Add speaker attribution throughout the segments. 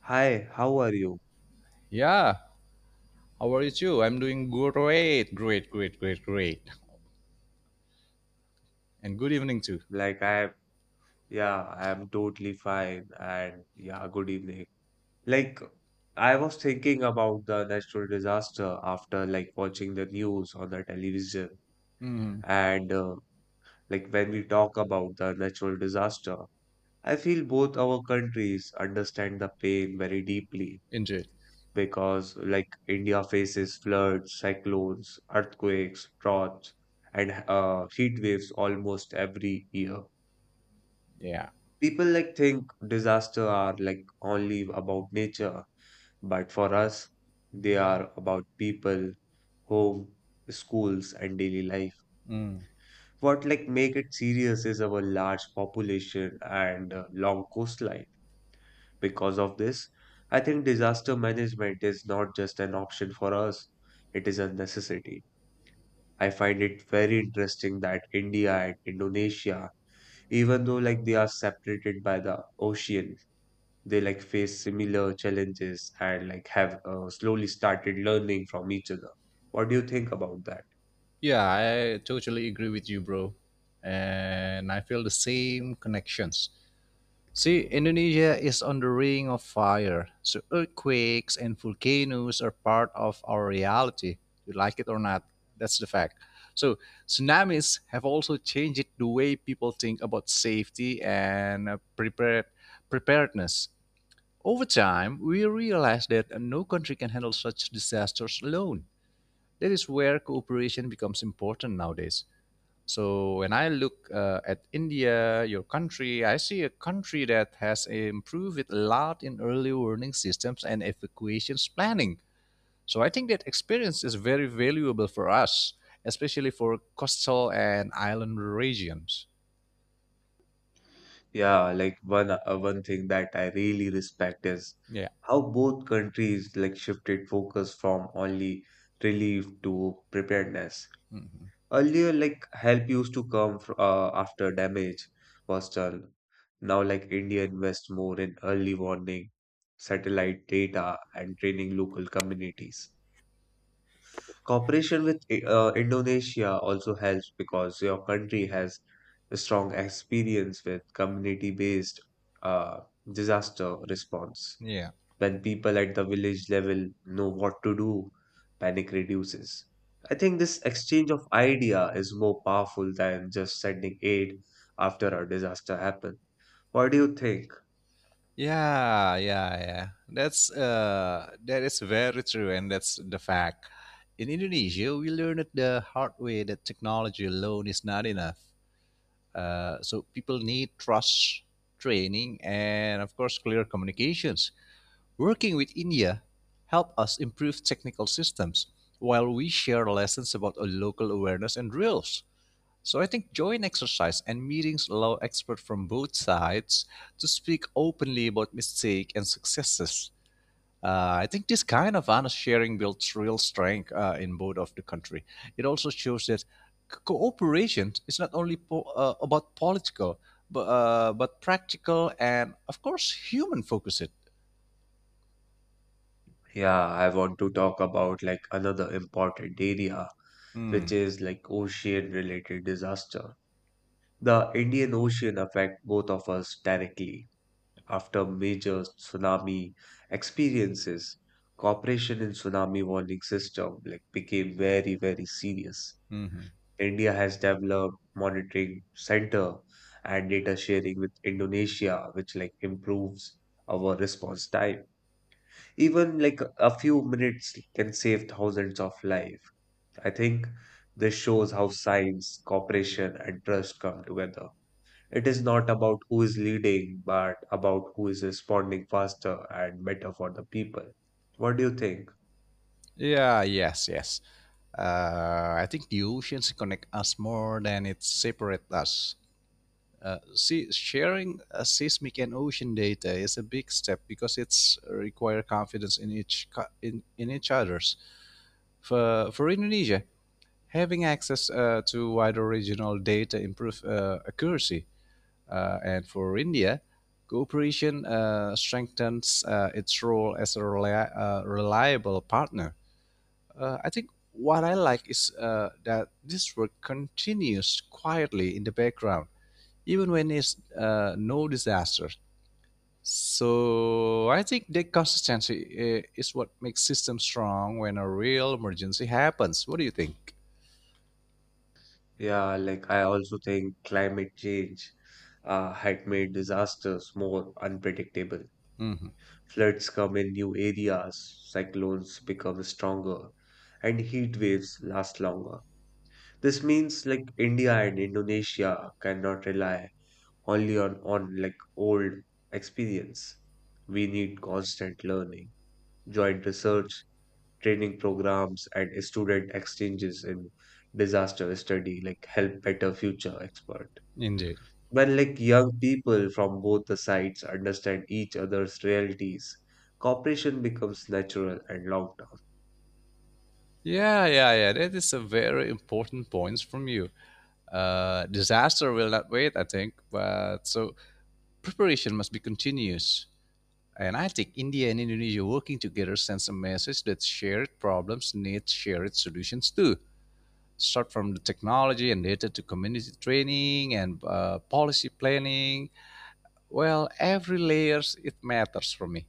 Speaker 1: Hi, how are you?
Speaker 2: Yeah, how are you too? I'm doing great. And good evening too.
Speaker 1: Like I yeah, I am totally fine and yeah, good evening. Like I was thinking about the natural disaster after like watching the news on the television and like when we talk about the natural disaster, I feel both our countries understand the pain very deeply
Speaker 2: Indeed.
Speaker 1: because like India faces floods, cyclones, earthquakes, droughts and heat waves almost every year.
Speaker 2: Yeah.
Speaker 1: People like think disaster are like only about nature, but for us, they are about people, home, schools, and daily life.
Speaker 2: Mm.
Speaker 1: What like make it serious is our large population and long coastline. Because of this, I think disaster management is not just an option for us, it is a necessity. I find it very interesting that India and Indonesia, even though like they are separated by the ocean, they like face similar challenges and like have slowly started learning from each other. What do you think about that?
Speaker 2: Yeah, I totally agree with you, bro. And I feel the same connections. See, Indonesia is on the ring of fire. So earthquakes and volcanoes are part of our reality. You like it or not, that's the fact. So tsunamis have also changed the way people think about safety and preparedness. Over time, we realized that no country can handle such disasters alone. That is where cooperation becomes important nowadays. So, when I look at India, your country, I see a country that has improved it a lot in early warning systems and evacuations planning. So, I think that experience is very valuable for us, especially for coastal and island regions.
Speaker 1: Yeah, like one thing that I really respect is
Speaker 2: Yeah.
Speaker 1: how both countries like shifted focus from only relief to preparedness. Earlier, like help used to come after damage was done. Now, like India invests more in early warning, satellite data, and training local communities. Cooperation with Indonesia also helps because your country has a strong experience with community-based uh, disaster response.
Speaker 2: Yeah.
Speaker 1: When people at the village level know what to do, panic reduces. I think this exchange of idea is more powerful than just sending aid after a disaster happens. What do you think?
Speaker 2: Yeah. That is very true, and that's the fact. In Indonesia, we learned the hard way that technology alone is not enough. So people need trust, training and, of course, clear communications. Working with India helped us improve technical systems, while we share lessons about a local awareness and drills. So I think joint exercise and meetings allow experts from both sides to speak openly about mistakes and successes. I think this kind of honest sharing builds real strength in both of the country. It also shows that cooperation is not only about political, but practical and, of course, human focused.
Speaker 1: Yeah, I want to talk about like another important area,
Speaker 2: Mm,
Speaker 1: which is like ocean related disaster. The Indian Ocean affect both of us directly. After major tsunami experiences, cooperation in tsunami warning system like became very very serious.
Speaker 2: mhm.
Speaker 1: India has developed monitoring center and data sharing with Indonesia, which like improves our response time. Even like a few minutes can save thousands of life. I think this shows how science, cooperation, and trust come together. It is not about who is leading, but about who is responding faster and better for the people. What do you think?
Speaker 2: Yeah, yes. I think the oceans connect us more than it separate us. See, sharing seismic and ocean data is a big step because it's require confidence in in each others. For Indonesia, having access to wider regional data improve accuracy, and for India, cooperation strengthens its role as a reliable partner. I think what I like is that this work continues quietly in the background even when it's no disaster. So I think the consistency is what makes systems strong when a real emergency happens. What do you think?
Speaker 1: Yeah, like I also think climate change had made disasters more unpredictable.
Speaker 2: Hmm.
Speaker 1: Floods come in new areas, cyclones become stronger, and heat waves last longer. This means like India and Indonesia cannot rely only on like old experience. We need constant learning, joint research, training programs, and student exchanges in disaster study like help better future expert.
Speaker 2: Indeed.
Speaker 1: When like young people from both the sides understand each other's realities, cooperation becomes natural and long term.
Speaker 2: Yeah. That is a very important point from you. Disaster will not wait, I think. But preparation must be continuous. And I think India and Indonesia working together sends a message that shared problems need shared solutions too. Start from the technology and data to community training and policy planning. Well, every layers it matters for me.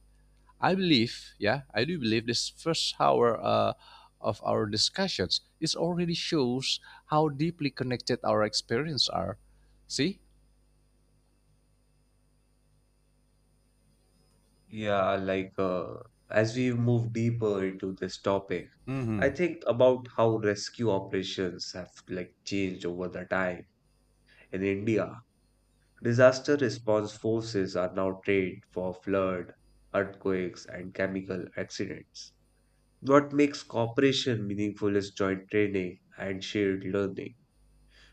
Speaker 2: I believe, yeah, I do believe this first hour of our discussions is already shows how deeply connected our experience are. See?
Speaker 1: Yeah, as we move deeper into this topic,
Speaker 2: Mm-hmm.
Speaker 1: I think about how rescue operations have like changed over the time in India. Disaster response forces are now trained for flood, earthquakes, and chemical accidents. What makes cooperation meaningful is joint training and shared learning.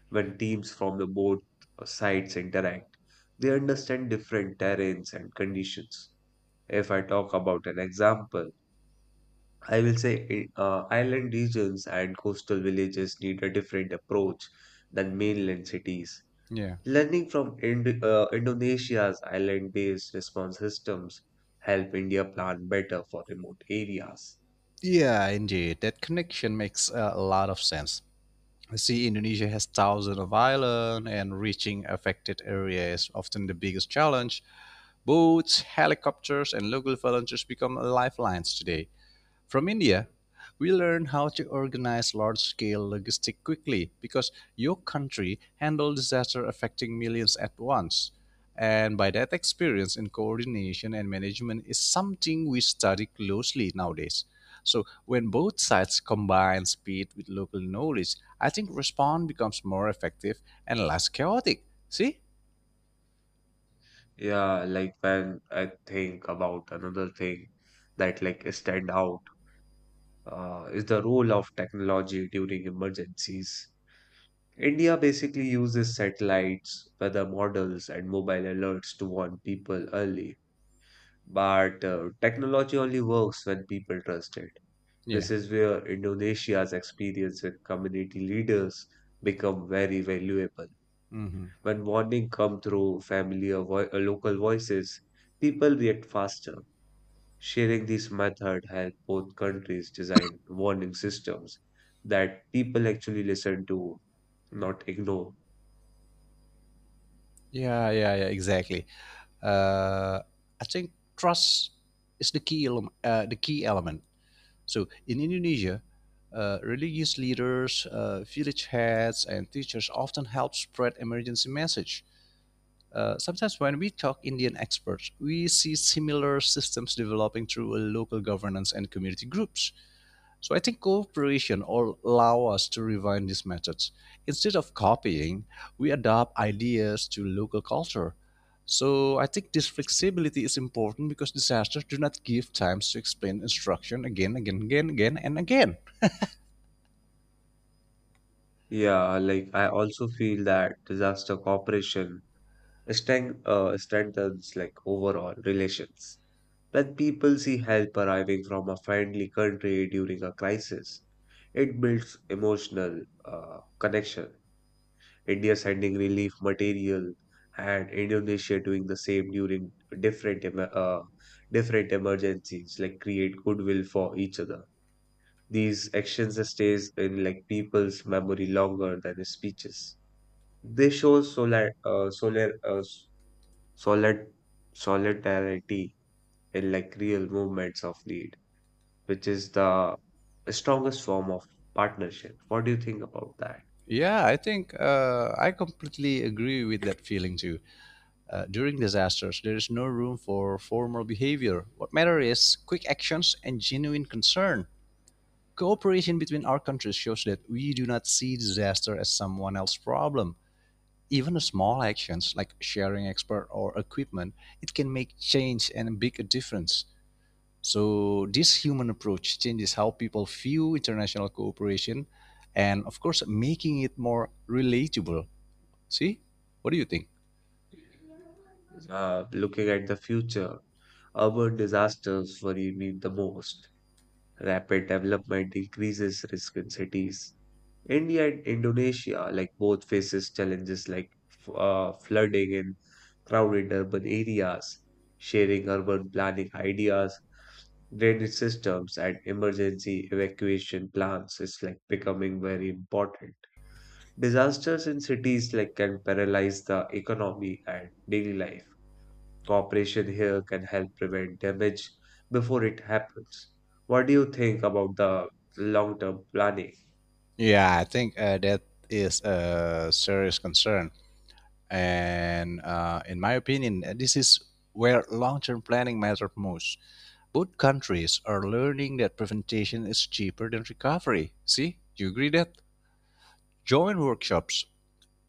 Speaker 1: When teams from the both sides interact, they understand different terrains and conditions. If I talk about an example, I will say island regions and coastal villages need a different approach than mainland cities.
Speaker 2: Yeah.
Speaker 1: Learning from Indonesia's island-based response systems help India plan better for remote areas.
Speaker 2: Yeah, indeed. That connection makes a lot of sense. See, Indonesia has thousands of islands and reaching affected areas is often the biggest challenge. Boats, helicopters, and local volunteers become lifelines today. From India, we learn how to organize large scale logistics quickly because your country handled disaster affecting millions at once. And by that experience in coordination and management is something we study closely nowadays. So when both sides combine speed with local knowledge, I think response becomes more effective and less chaotic. See?
Speaker 1: Yeah, like when I think about another thing that like stand out is the role of technology during emergencies. India basically uses satellites, weather models, and mobile alerts to warn people early. But technology only works when people trust it.
Speaker 2: Yeah.
Speaker 1: This is where Indonesia's experience and community leaders become very valuable.
Speaker 2: Mhm.
Speaker 1: When warning come through family or local voices, people react faster. Sharing this method helped both countries design warning systems that people actually listen to, not ignore.
Speaker 2: Yeah, exactly. Uh, I think trust is the key element. The key element. So in Indonesia, religious leaders, village heads, and teachers often help spread emergency message. Sometimes when we talk Indian experts, we see similar systems developing through local governance and community groups. So I think cooperation will allow us to refine these methods. Instead of copying, we adopt ideas to local culture. So I think this flexibility is important because disasters do not give time to explain instruction again and again.
Speaker 1: Yeah, like I also feel that disaster cooperation strengthens like overall relations. When people see help arriving from a friendly country during a crisis, it builds emotional connection. India sending relief material and Indonesia doing the same during different emer- uh, different emergencies, like create goodwill for each other. These actions stays in like people's memory longer than speeches. They show solid, solidarity in like real moments of need, which is the strongest form of partnership. What do you think about that?
Speaker 2: Yeah, I think I completely agree with that feeling too. During disasters, there is no room for formal behavior. What matters is quick actions and genuine concern. Cooperation between our countries shows that we do not see disaster as someone else's problem. Even small actions like sharing expert or equipment, it can make change and make a difference. So this human approach changes how people view international cooperation and of course making it more relatable. See? What do you think?
Speaker 1: Looking at the future, urban disasters worry me the most. Rapid development increases risk in cities. India and Indonesia, like both, faces challenges like flooding in crowded urban areas, sharing urban planning ideas, drainage systems, and emergency evacuation plans is like becoming very important. Disasters in cities like can paralyze the economy and daily life. Cooperation here can help prevent damage before it happens. What do you think about the long-term planning?
Speaker 2: Yeah, I think that is a serious concern. And in my opinion, this is where long term planning matters most. Both countries are learning that prevention is cheaper than recovery. See, you agree that? Join workshops,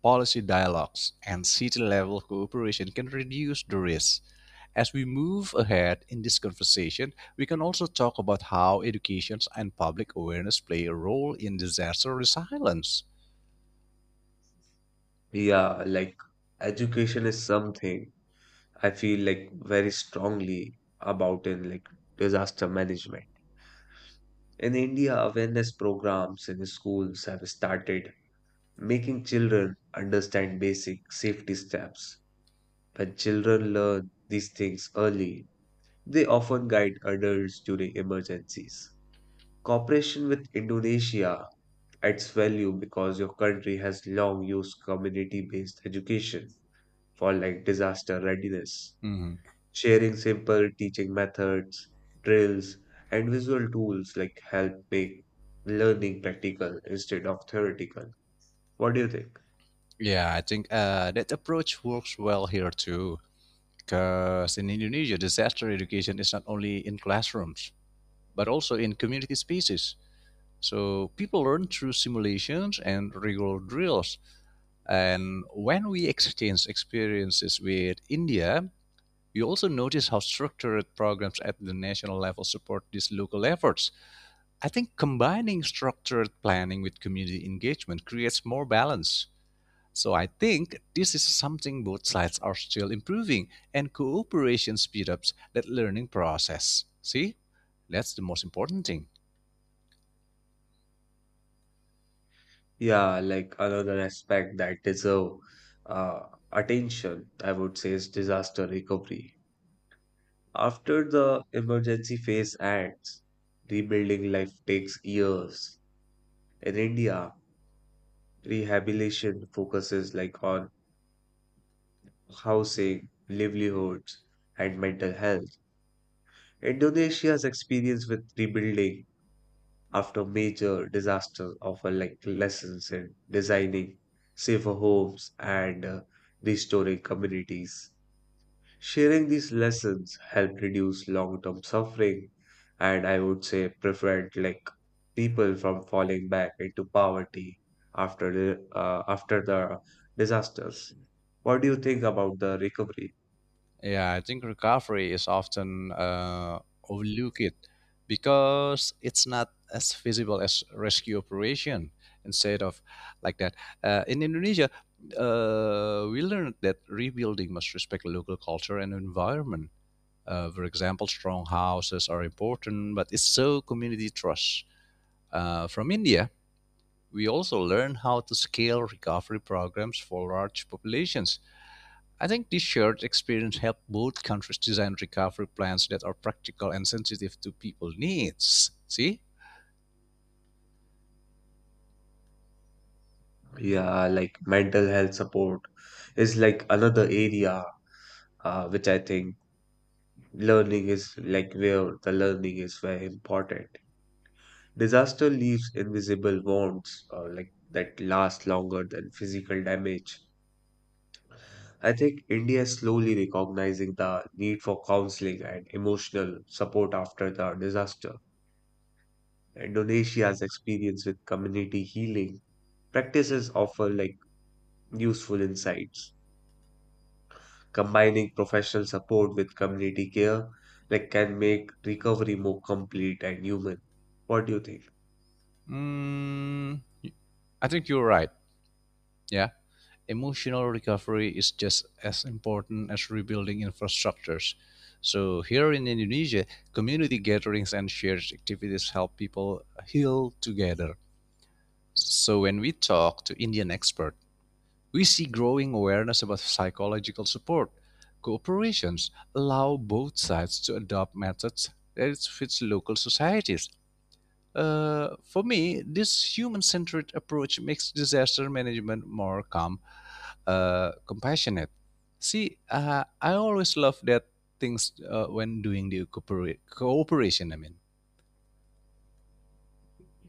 Speaker 2: policy dialogues, and city level cooperation can reduce the risk. As we move ahead in this conversation, we can also talk about how education and public awareness play a role in disaster resilience.
Speaker 1: Yeah, like education is something I feel like very strongly about in like disaster management. In India, awareness programs in schools have started making children understand basic safety steps. When children learn these things early, they often guide adults during emergencies. Cooperation with Indonesia adds value because your country has long used community based education for like disaster readiness.
Speaker 2: Mhm.
Speaker 1: Sharing simple teaching methods, drills, and visual tools like help make learning practical instead of theoretical. What do you think?
Speaker 2: Yeah, I think that approach works well here too. Because in Indonesia, disaster education is not only in classrooms, but also in community spaces. So people learn through simulations and regular drills. And when we exchange experiences with India, you also notice how structured programs at the national level support these local efforts. I think combining structured planning with community engagement creates more balance. So I think this is something both sides are still improving, and cooperation speed ups that learning process. See, that's the most important thing.
Speaker 1: Yeah, like another aspect that deserve uh, attention, I would say, is disaster recovery. After the emergency phase ends, rebuilding life takes years. In India, rehabilitation focuses like on housing, livelihoods, and mental health. Indonesia's experience with rebuilding after major disasters offer like lessons in designing safer homes and restoring communities. Sharing these lessons help reduce long term suffering and I would say prevent like people from falling back into poverty after the disasters. What do you think about the recovery?
Speaker 2: Yeah, I think recovery is often overlooked because it's not as visible as rescue operation. Instead of like that, in Indonesia, we learned that rebuilding must respect local culture and environment. For example, strong houses are important, but it's so community trust. From India, we also learn how to scale recovery programs for large populations. I think this shared experience helped both countries design recovery plans that are practical and sensitive to people's needs. See?
Speaker 1: Yeah, like mental health support is like another area which I think learning is like where the learning is very important. Disaster leaves invisible wounds like that last longer than physical damage. I think India is slowly recognizing the need for counseling and emotional support after the disaster. Indonesia's experience with community healing practices offer like useful insights. Combining professional support with community care like can make recovery more complete and human. What do you think?
Speaker 2: Mm, I think you're right. Yeah. Emotional recovery is just as important as rebuilding infrastructures. So, here in Indonesia, community gatherings and shared activities help people heal together. So, when we talk to Indian experts, we see growing awareness about psychological support. Cooperations allow both sides to adopt methods that fits local societies. For me, this human centered approach makes disaster management more calm, compassionate. See, I always love that things when doing the cooperation. I mean,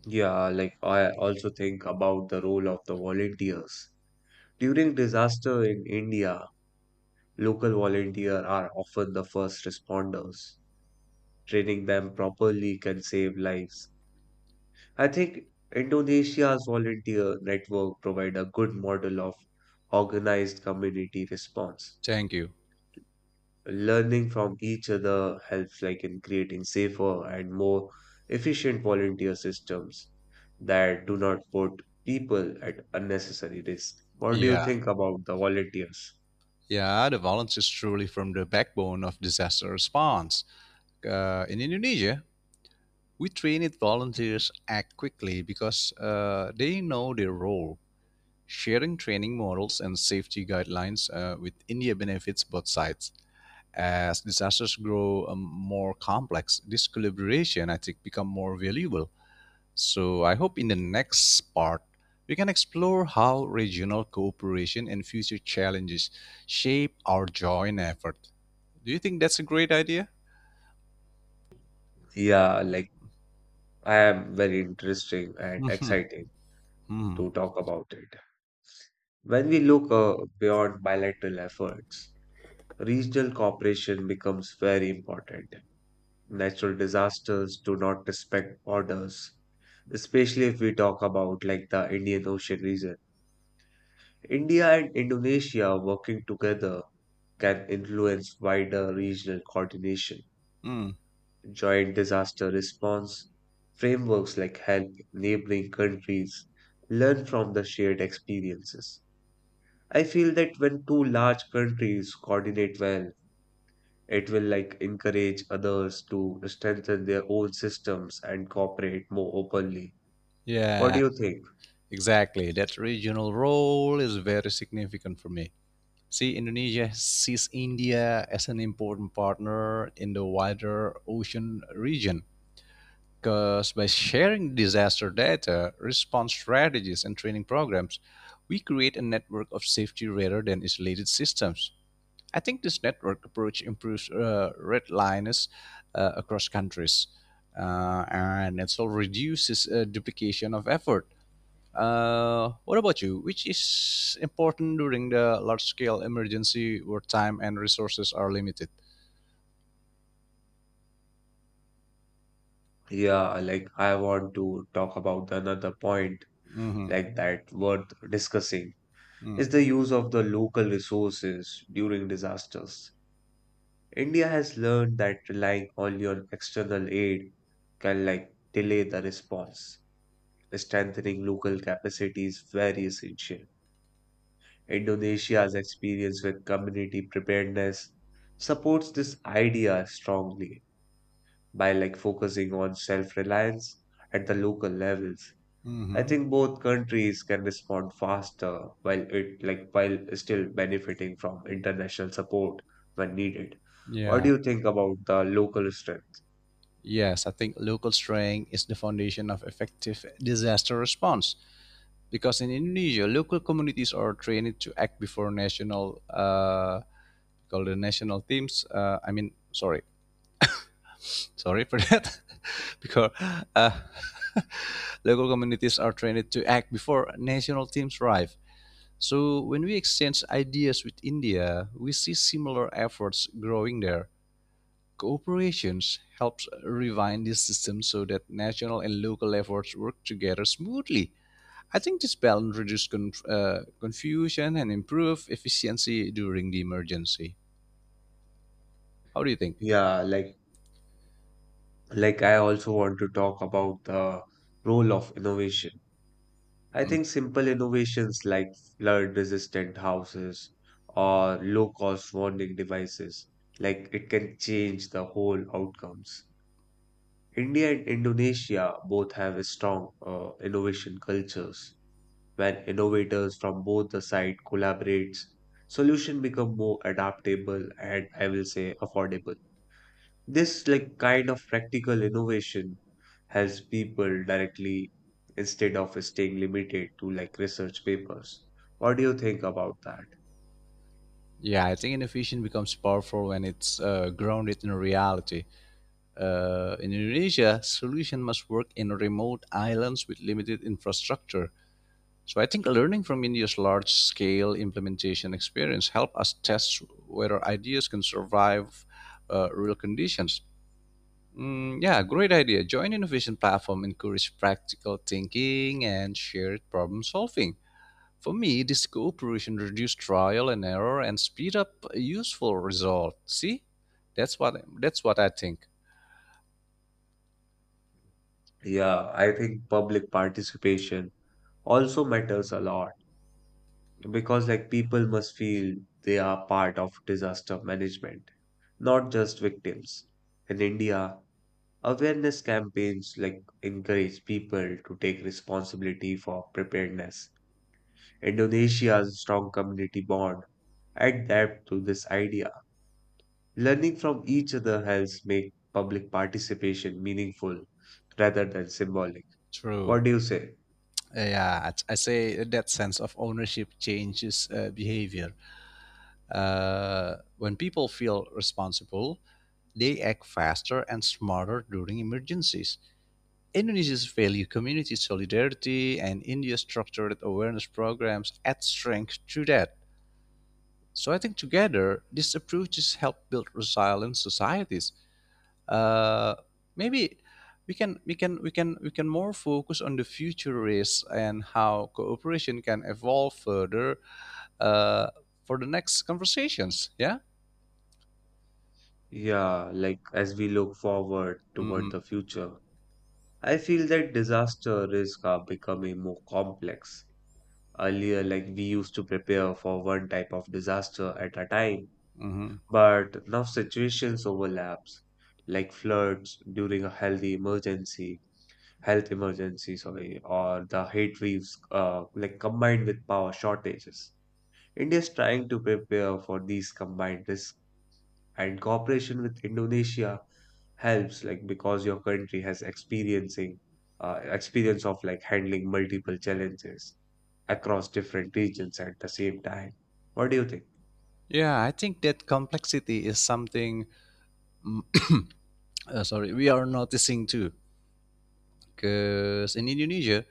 Speaker 1: Yeah, like I also think about the role of the volunteers. During disaster in India, local volunteers are often the first responders. Training them properly can save lives. I think Indonesia's volunteer network provide a good model of organized community response.
Speaker 2: thank you.
Speaker 1: Learning from each other helps like in creating safer and more efficient volunteer systems that do not put people at unnecessary risk. What do you
Speaker 2: Yeah,
Speaker 1: think about the volunteers?
Speaker 2: yeah, the violence is truly from the backbone of disaster response. In Indonesia, we trained volunteers act quickly because they know their role, sharing training models and safety guidelines with India benefits both sides. As disasters grow more complex, this collaboration, I think, become more valuable. So I hope in the next part, we can explore how regional cooperation and future challenges shape our joint effort. Do you think that's a great idea?
Speaker 1: Yeah, like I am very interesting and exciting
Speaker 2: Hmm,
Speaker 1: to talk about it. When we look beyond bilateral efforts, regional cooperation becomes very important. Natural disasters do not respect borders, especially if we talk about like the Indian Ocean region. India and Indonesia working together can influence wider regional coordination.
Speaker 2: hmm.
Speaker 1: Joint disaster response frameworks like help neighboring countries learn from the shared experiences. I feel that when two large countries coordinate well, it will like encourage others to strengthen their own systems and cooperate more openly. What do
Speaker 2: Yeah.
Speaker 1: you think?
Speaker 2: Exactly, that regional role is very significant for me. See, Indonesia sees India as an important partner in the wider ocean region because by sharing disaster data, response strategies, and training programs, we create a network of safety rather than isolated systems. I think this network approach improves red lines across countries and it also reduces duplication of effort. What about you? Which is important during the large scale emergency where time and resources are limited?
Speaker 1: Yeah, like I want to talk about another point
Speaker 2: Mm-hmm.
Speaker 1: like that worth discussing is the use of the local resources during disasters. India has learned that relying only on external aid can like delay the response. Strengthening local capacities very essential. Indonesia's experience with community preparedness supports this idea strongly by like focusing on self-reliance at the local levels. I
Speaker 2: Mm-hmm.
Speaker 1: think both countries can respond faster while it like while still benefiting from international support when needed. What
Speaker 2: Yeah.
Speaker 1: do you think about the local strength?
Speaker 2: Yes, I think local strength is the foundation of effective disaster response. Because in Indonesia, local communities are trained to act before national, called the national teams. I mean, sorry, sorry for that. Because uh, local communities are trained to act before national teams arrive. So when we exchange ideas with India, we see similar efforts growing there. Cooperations helps refine this system so that national and local efforts work together smoothly. I think this balance reduces confusion and improve efficiency during the emergency. How do you think?
Speaker 1: Yeah, like I also want to talk about the role of innovation. I
Speaker 2: Mm.
Speaker 1: think simple innovations like flood resistant houses or low cost warning devices, like it can change the whole outcomes. India and Indonesia both have strong innovation cultures. When innovators from both the side collaborate, solution become more adaptable and I will say affordable. This like kind of practical innovation helps people directly instead of staying limited to like research papers. What do you think about that?
Speaker 2: Yeah, I think innovation becomes powerful when it's grounded in reality. In Indonesia, solution must work in remote islands with limited infrastructure. So I think learning from India's large scale implementation experience help us test whether ideas can survive real conditions. Mm, yeah, great idea. Join innovation platform, encourage practical thinking and shared problem solving. For me, this cooperation reduce trial and error and speed up a useful result. See, that's what I think.
Speaker 1: Yeah, I think public participation also matters a lot because like people must feel they are part of disaster management, not just victims. In India, awareness campaigns like encourage people to take responsibility for preparedness. Indonesia's strong community bond adapt to this idea. Learning from each other helps make public participation meaningful rather than symbolic.
Speaker 2: True.
Speaker 1: What do you say?
Speaker 2: I say that sense of ownership changes behavior. When people feel responsible, they act faster and smarter during emergencies. Indonesia's value community solidarity and India's structured awareness programs add strength to that. So I think together, these approaches help build resilient societies. Uh, Maybe we can more focus on the future risks and how cooperation can evolve further uh, for the next conversations. Yeah.
Speaker 1: Yeah, like as we look forward
Speaker 2: Hmm.
Speaker 1: toward the future, I feel that disaster risks are becoming more complex. Earlier, like we used to prepare for one type of disaster at a time,
Speaker 2: Hmm.
Speaker 1: but now situations overlaps, like floods during a health emergencies, sorry, or the heat waves like combined with power shortages. India is trying to prepare for these combined risks and cooperation with Indonesia helps like because your country has experiencing experience of like handling multiple challenges across different regions at the same time. What do you think?
Speaker 2: Yeah, I think that complexity is something. Sorry, we are noticing too, because in Indonesia,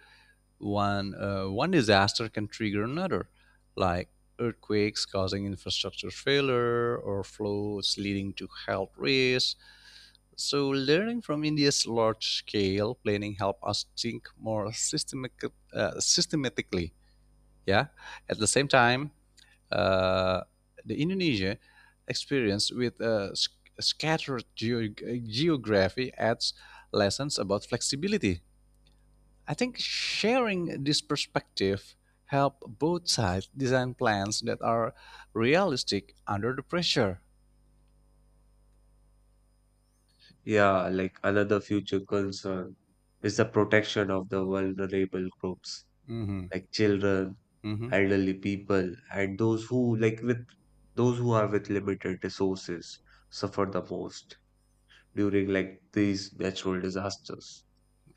Speaker 2: one disaster can trigger another, like earthquakes causing infrastructure failure or floods leading to health risks. So learning from India's large-scale planning help us think more systematically. Yeah. At the same time, uh, the Indonesia experience with scattered geography adds lessons about flexibility. I think sharing this perspective help both sides design plans that are realistic under the pressure.
Speaker 1: Yeah, like another future concern is the protection of the vulnerable groups
Speaker 2: Mm-hmm.
Speaker 1: like children,
Speaker 2: Mm-hmm.
Speaker 1: elderly people, and those who are with limited resources suffer the most during like these natural disasters.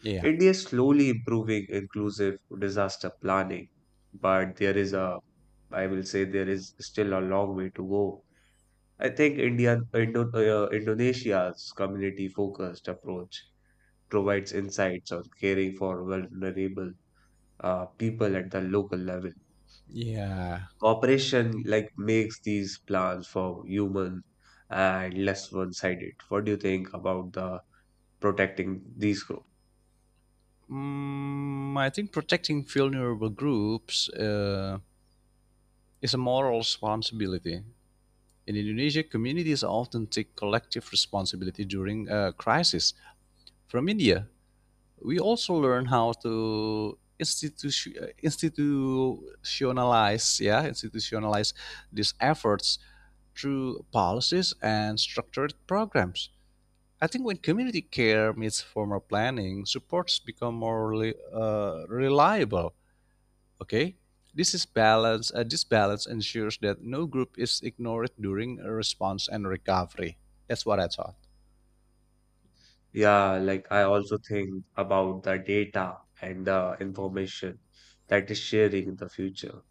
Speaker 2: Yeah.
Speaker 1: India is slowly improving inclusive disaster planning, but there is a I will say there is still a long way to go. I think Indonesia's community-focused approach provides insights on caring for vulnerable people at the local level.
Speaker 2: Yeah.
Speaker 1: Cooperation like makes these plans for human and less one-sided. What do you think about the protecting these groups?
Speaker 2: Mm, I think protecting vulnerable groups is a moral responsibility. In Indonesia, communities often take collective responsibility during a crisis. From India, we also learn how to institutionalize, yeah, institutionalize these efforts through policies and structured programs. I think when community care meets formal planning supports become more reliable. Okay, this is balance. This balance ensures that no group is ignored during response and recovery. That's what I thought.
Speaker 1: Yeah, like I also think about the data and the information that is sharing in the future.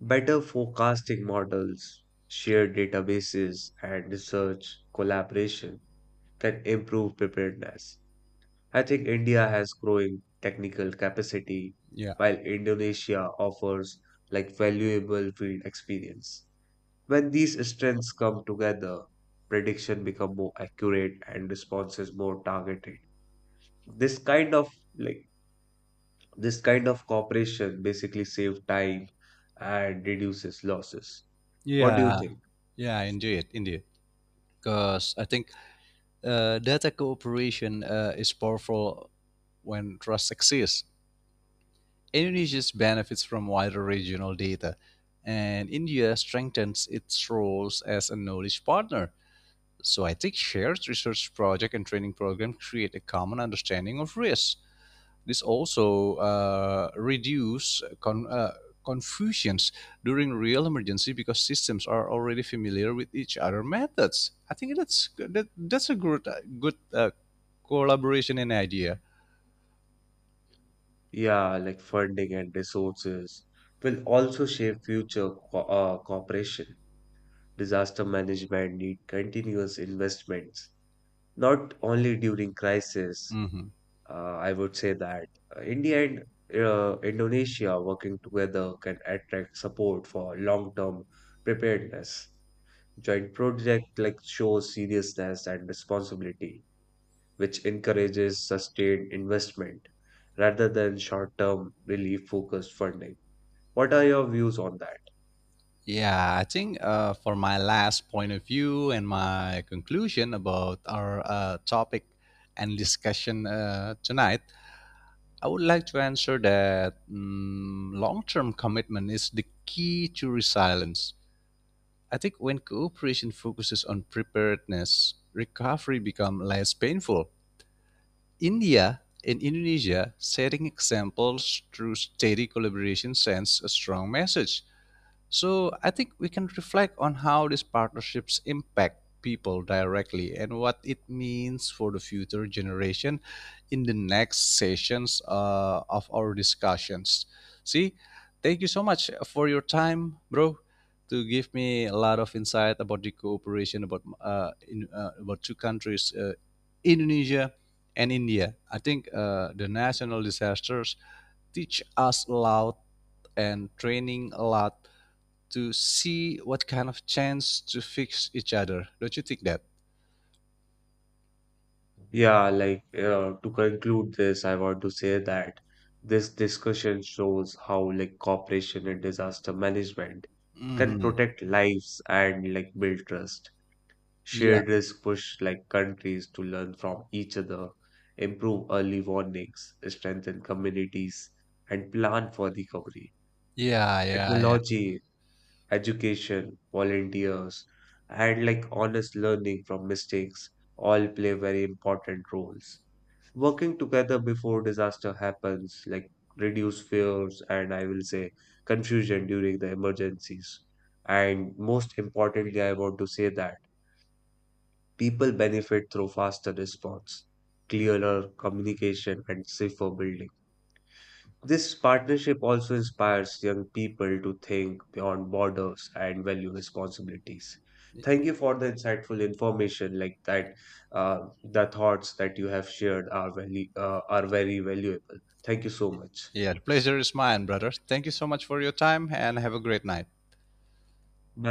Speaker 1: Better forecasting models, shared databases, and research collaboration can improve preparedness. I think India has growing technical capacity,
Speaker 2: yeah
Speaker 1: while Indonesia offers like valuable field experience. When these strengths come together, prediction become more accurate and responses more targeted. This kind of like this kind of cooperation basically save time and reduces losses. What do you
Speaker 2: yeah
Speaker 1: think?
Speaker 2: yeah, indeed, because I think data cooperation is powerful when trust exists. Indonesia benefits from wider regional data, and India strengthens its roles as a knowledge partner. So I think shared research project and training program create a common understanding of risk. This also reduce confusions during real emergency because systems are already familiar with each other methods. I think that's a good collaboration and idea.
Speaker 1: Yeah, like funding and resources will also shape future cooperation. Disaster management need continuous investments, not only during crisis.
Speaker 2: Hmm.
Speaker 1: I would say that India and Indonesia working together can attract support for long-term preparedness. Joint project like shows seriousness and responsibility, which encourages sustained investment rather than short-term relief-focused funding. What are your views on that?
Speaker 2: Yeah, I think for my last point of view and my conclusion about our topic and discussion tonight, I would like to answer that mm, long term commitment is the key to resilience. I think when cooperation focuses on preparedness, recovery becomes less painful. India and Indonesia setting examples through steady collaboration sends a strong message. So I think we can reflect on how these partnerships impact people directly and what it means for the future generation in the next sessions of our discussions. See, thank you so much for your time, bro, to give me a lot of insight about the cooperation about about two countries, Indonesia and India. I think the national disasters teach us a lot and training a lot to see what kind of chance to fix each other. Don't you think that?
Speaker 1: Yeah, to conclude this, I want to say that this discussion shows how like cooperation and disaster management can
Speaker 2: Hmm.
Speaker 1: protect lives and like build trust.
Speaker 2: Yeah,
Speaker 1: Shared risk push like countries to learn from each other, improve early warnings, strengthen communities, and plan for recovery.
Speaker 2: yeah.
Speaker 1: Technology, education, volunteers, and like honest learning from mistakes all play very important roles working together before disaster happens, like reduce fears and I will say confusion during the emergencies. And most importantly, I want to say that people benefit through faster response, clearer communication, and safer building. This partnership also inspires young people to think beyond borders and value responsibilities. Thank you for the insightful information like that. The thoughts that you have shared are very valuable. Thank you so much.
Speaker 2: Yeah, the pleasure is mine, brother. Thank you so much for your time and have a great night.